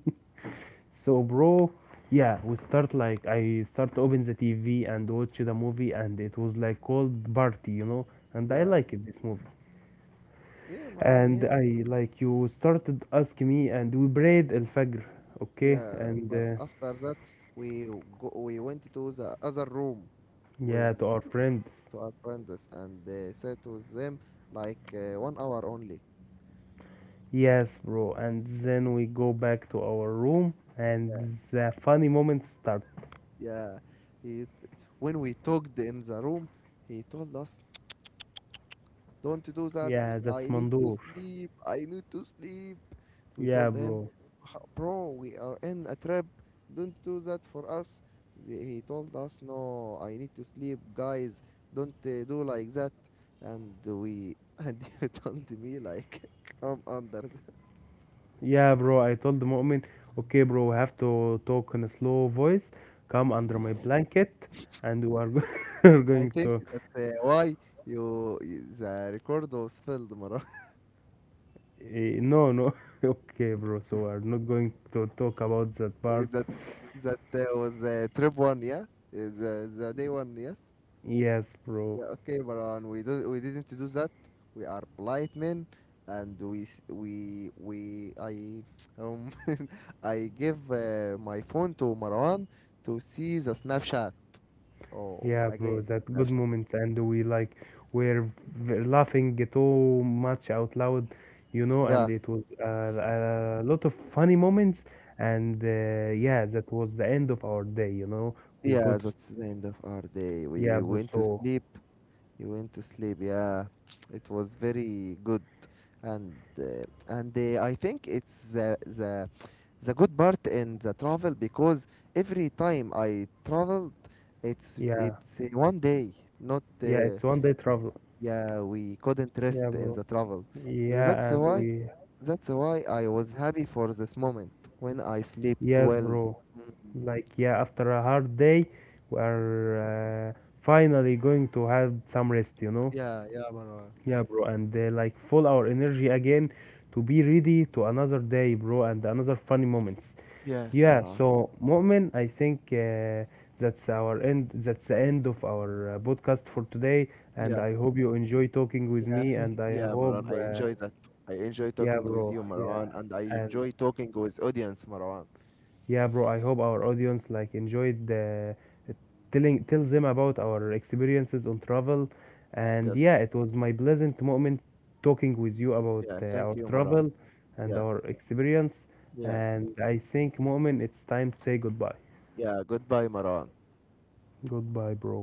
So, bro, yeah, we start like I start open the T V and watch the movie, and it was like called Party, you know. And I Yeah, like it this movie. yeah, Marwan. And Yeah, I like you started ask me, and we prayed al Fajr, okay, yeah. and But uh, after that, we go, we went to the other room with yeah, to our friends. to our friends, and uh, sat with them like uh, one hour only. Yes, bro. And then we go back to our room Yeah, and the funny moment start. yeah. He when we talked in the room, he told us, don't do that. Yeah, I that's need to Mandur. sleep. I need to sleep. We told Yeah, him, bro. "H- Bro, we are in a trip. Don't do that for us." The- He told us, "No, I need to sleep, guys. Don't uh, do like that." And we, and you told me, like, come under the- Yeah, bro. I told the moment, okay, bro, we have to talk in a slow voice. Come under my blanket and we are, go- are I going think to talk. that's uh, why you, you- the record was filled, Mara. Eh, no, no. Okay, bro. So we are not going to talk about that part. that, that uh, was uh, trip one, yeah? Uh, The, the day one, yes? Yes, bro. Yeah, okay, Baran. We do we didn't do that. We are polite men, and we s- we we I um I give uh, my phone to Marwan to see the Snapchat. Oh, Yeah, bro, again, that good Snapchat. moment, and we like were v- laughing too much out loud, you know, and Yeah, it was uh, a lot of funny moments, and uh, yeah, that was the end of our day, you know. We go yeah. to s- That's the end of our day. Yeah, We bro. went to So sleep You went to sleep. Yeah, it was very good, and uh, and uh, I think it's the the the good part in the travel, because every time I traveled, it's yeah, it's uh, one day, not, yeah, uh, it's one day travel. yeah, we couldn't rest Yeah, in bro. the travel. Yeah, that's Yeah, and why we that's why I was happy for this moment when I slept yes, well. bro. Mm. Like yeah, after a hard day, we are uh, finally going to have some rest, you know. Yeah, yeah, Marwan. Yeah, bro, and uh, like full our energy again to be ready to another day, bro, and another funny moments. Yes, Yeah, Maran. so Mu'min, I think uh, that's our end. That's the end of our uh, podcast for today, and I hope you enjoy talking with Yeah, me, we, and I yeah, hope, Maran, I uh, enjoy that. I enjoy yeah, talking with bro, you, yeah, Maran, and I and enjoy talking with audience, Maran. yeah, bro, I hope our audience like enjoyed the uh, telling tell them about our experiences on travel. And Yes. yeah, it was my pleasant moment talking with you about Yeah, uh, thank our you, Maran. travel and Yeah. our experience. Yes. And I think, moment, it's time to say goodbye. Yeah, goodbye, Maran. Goodbye, bro.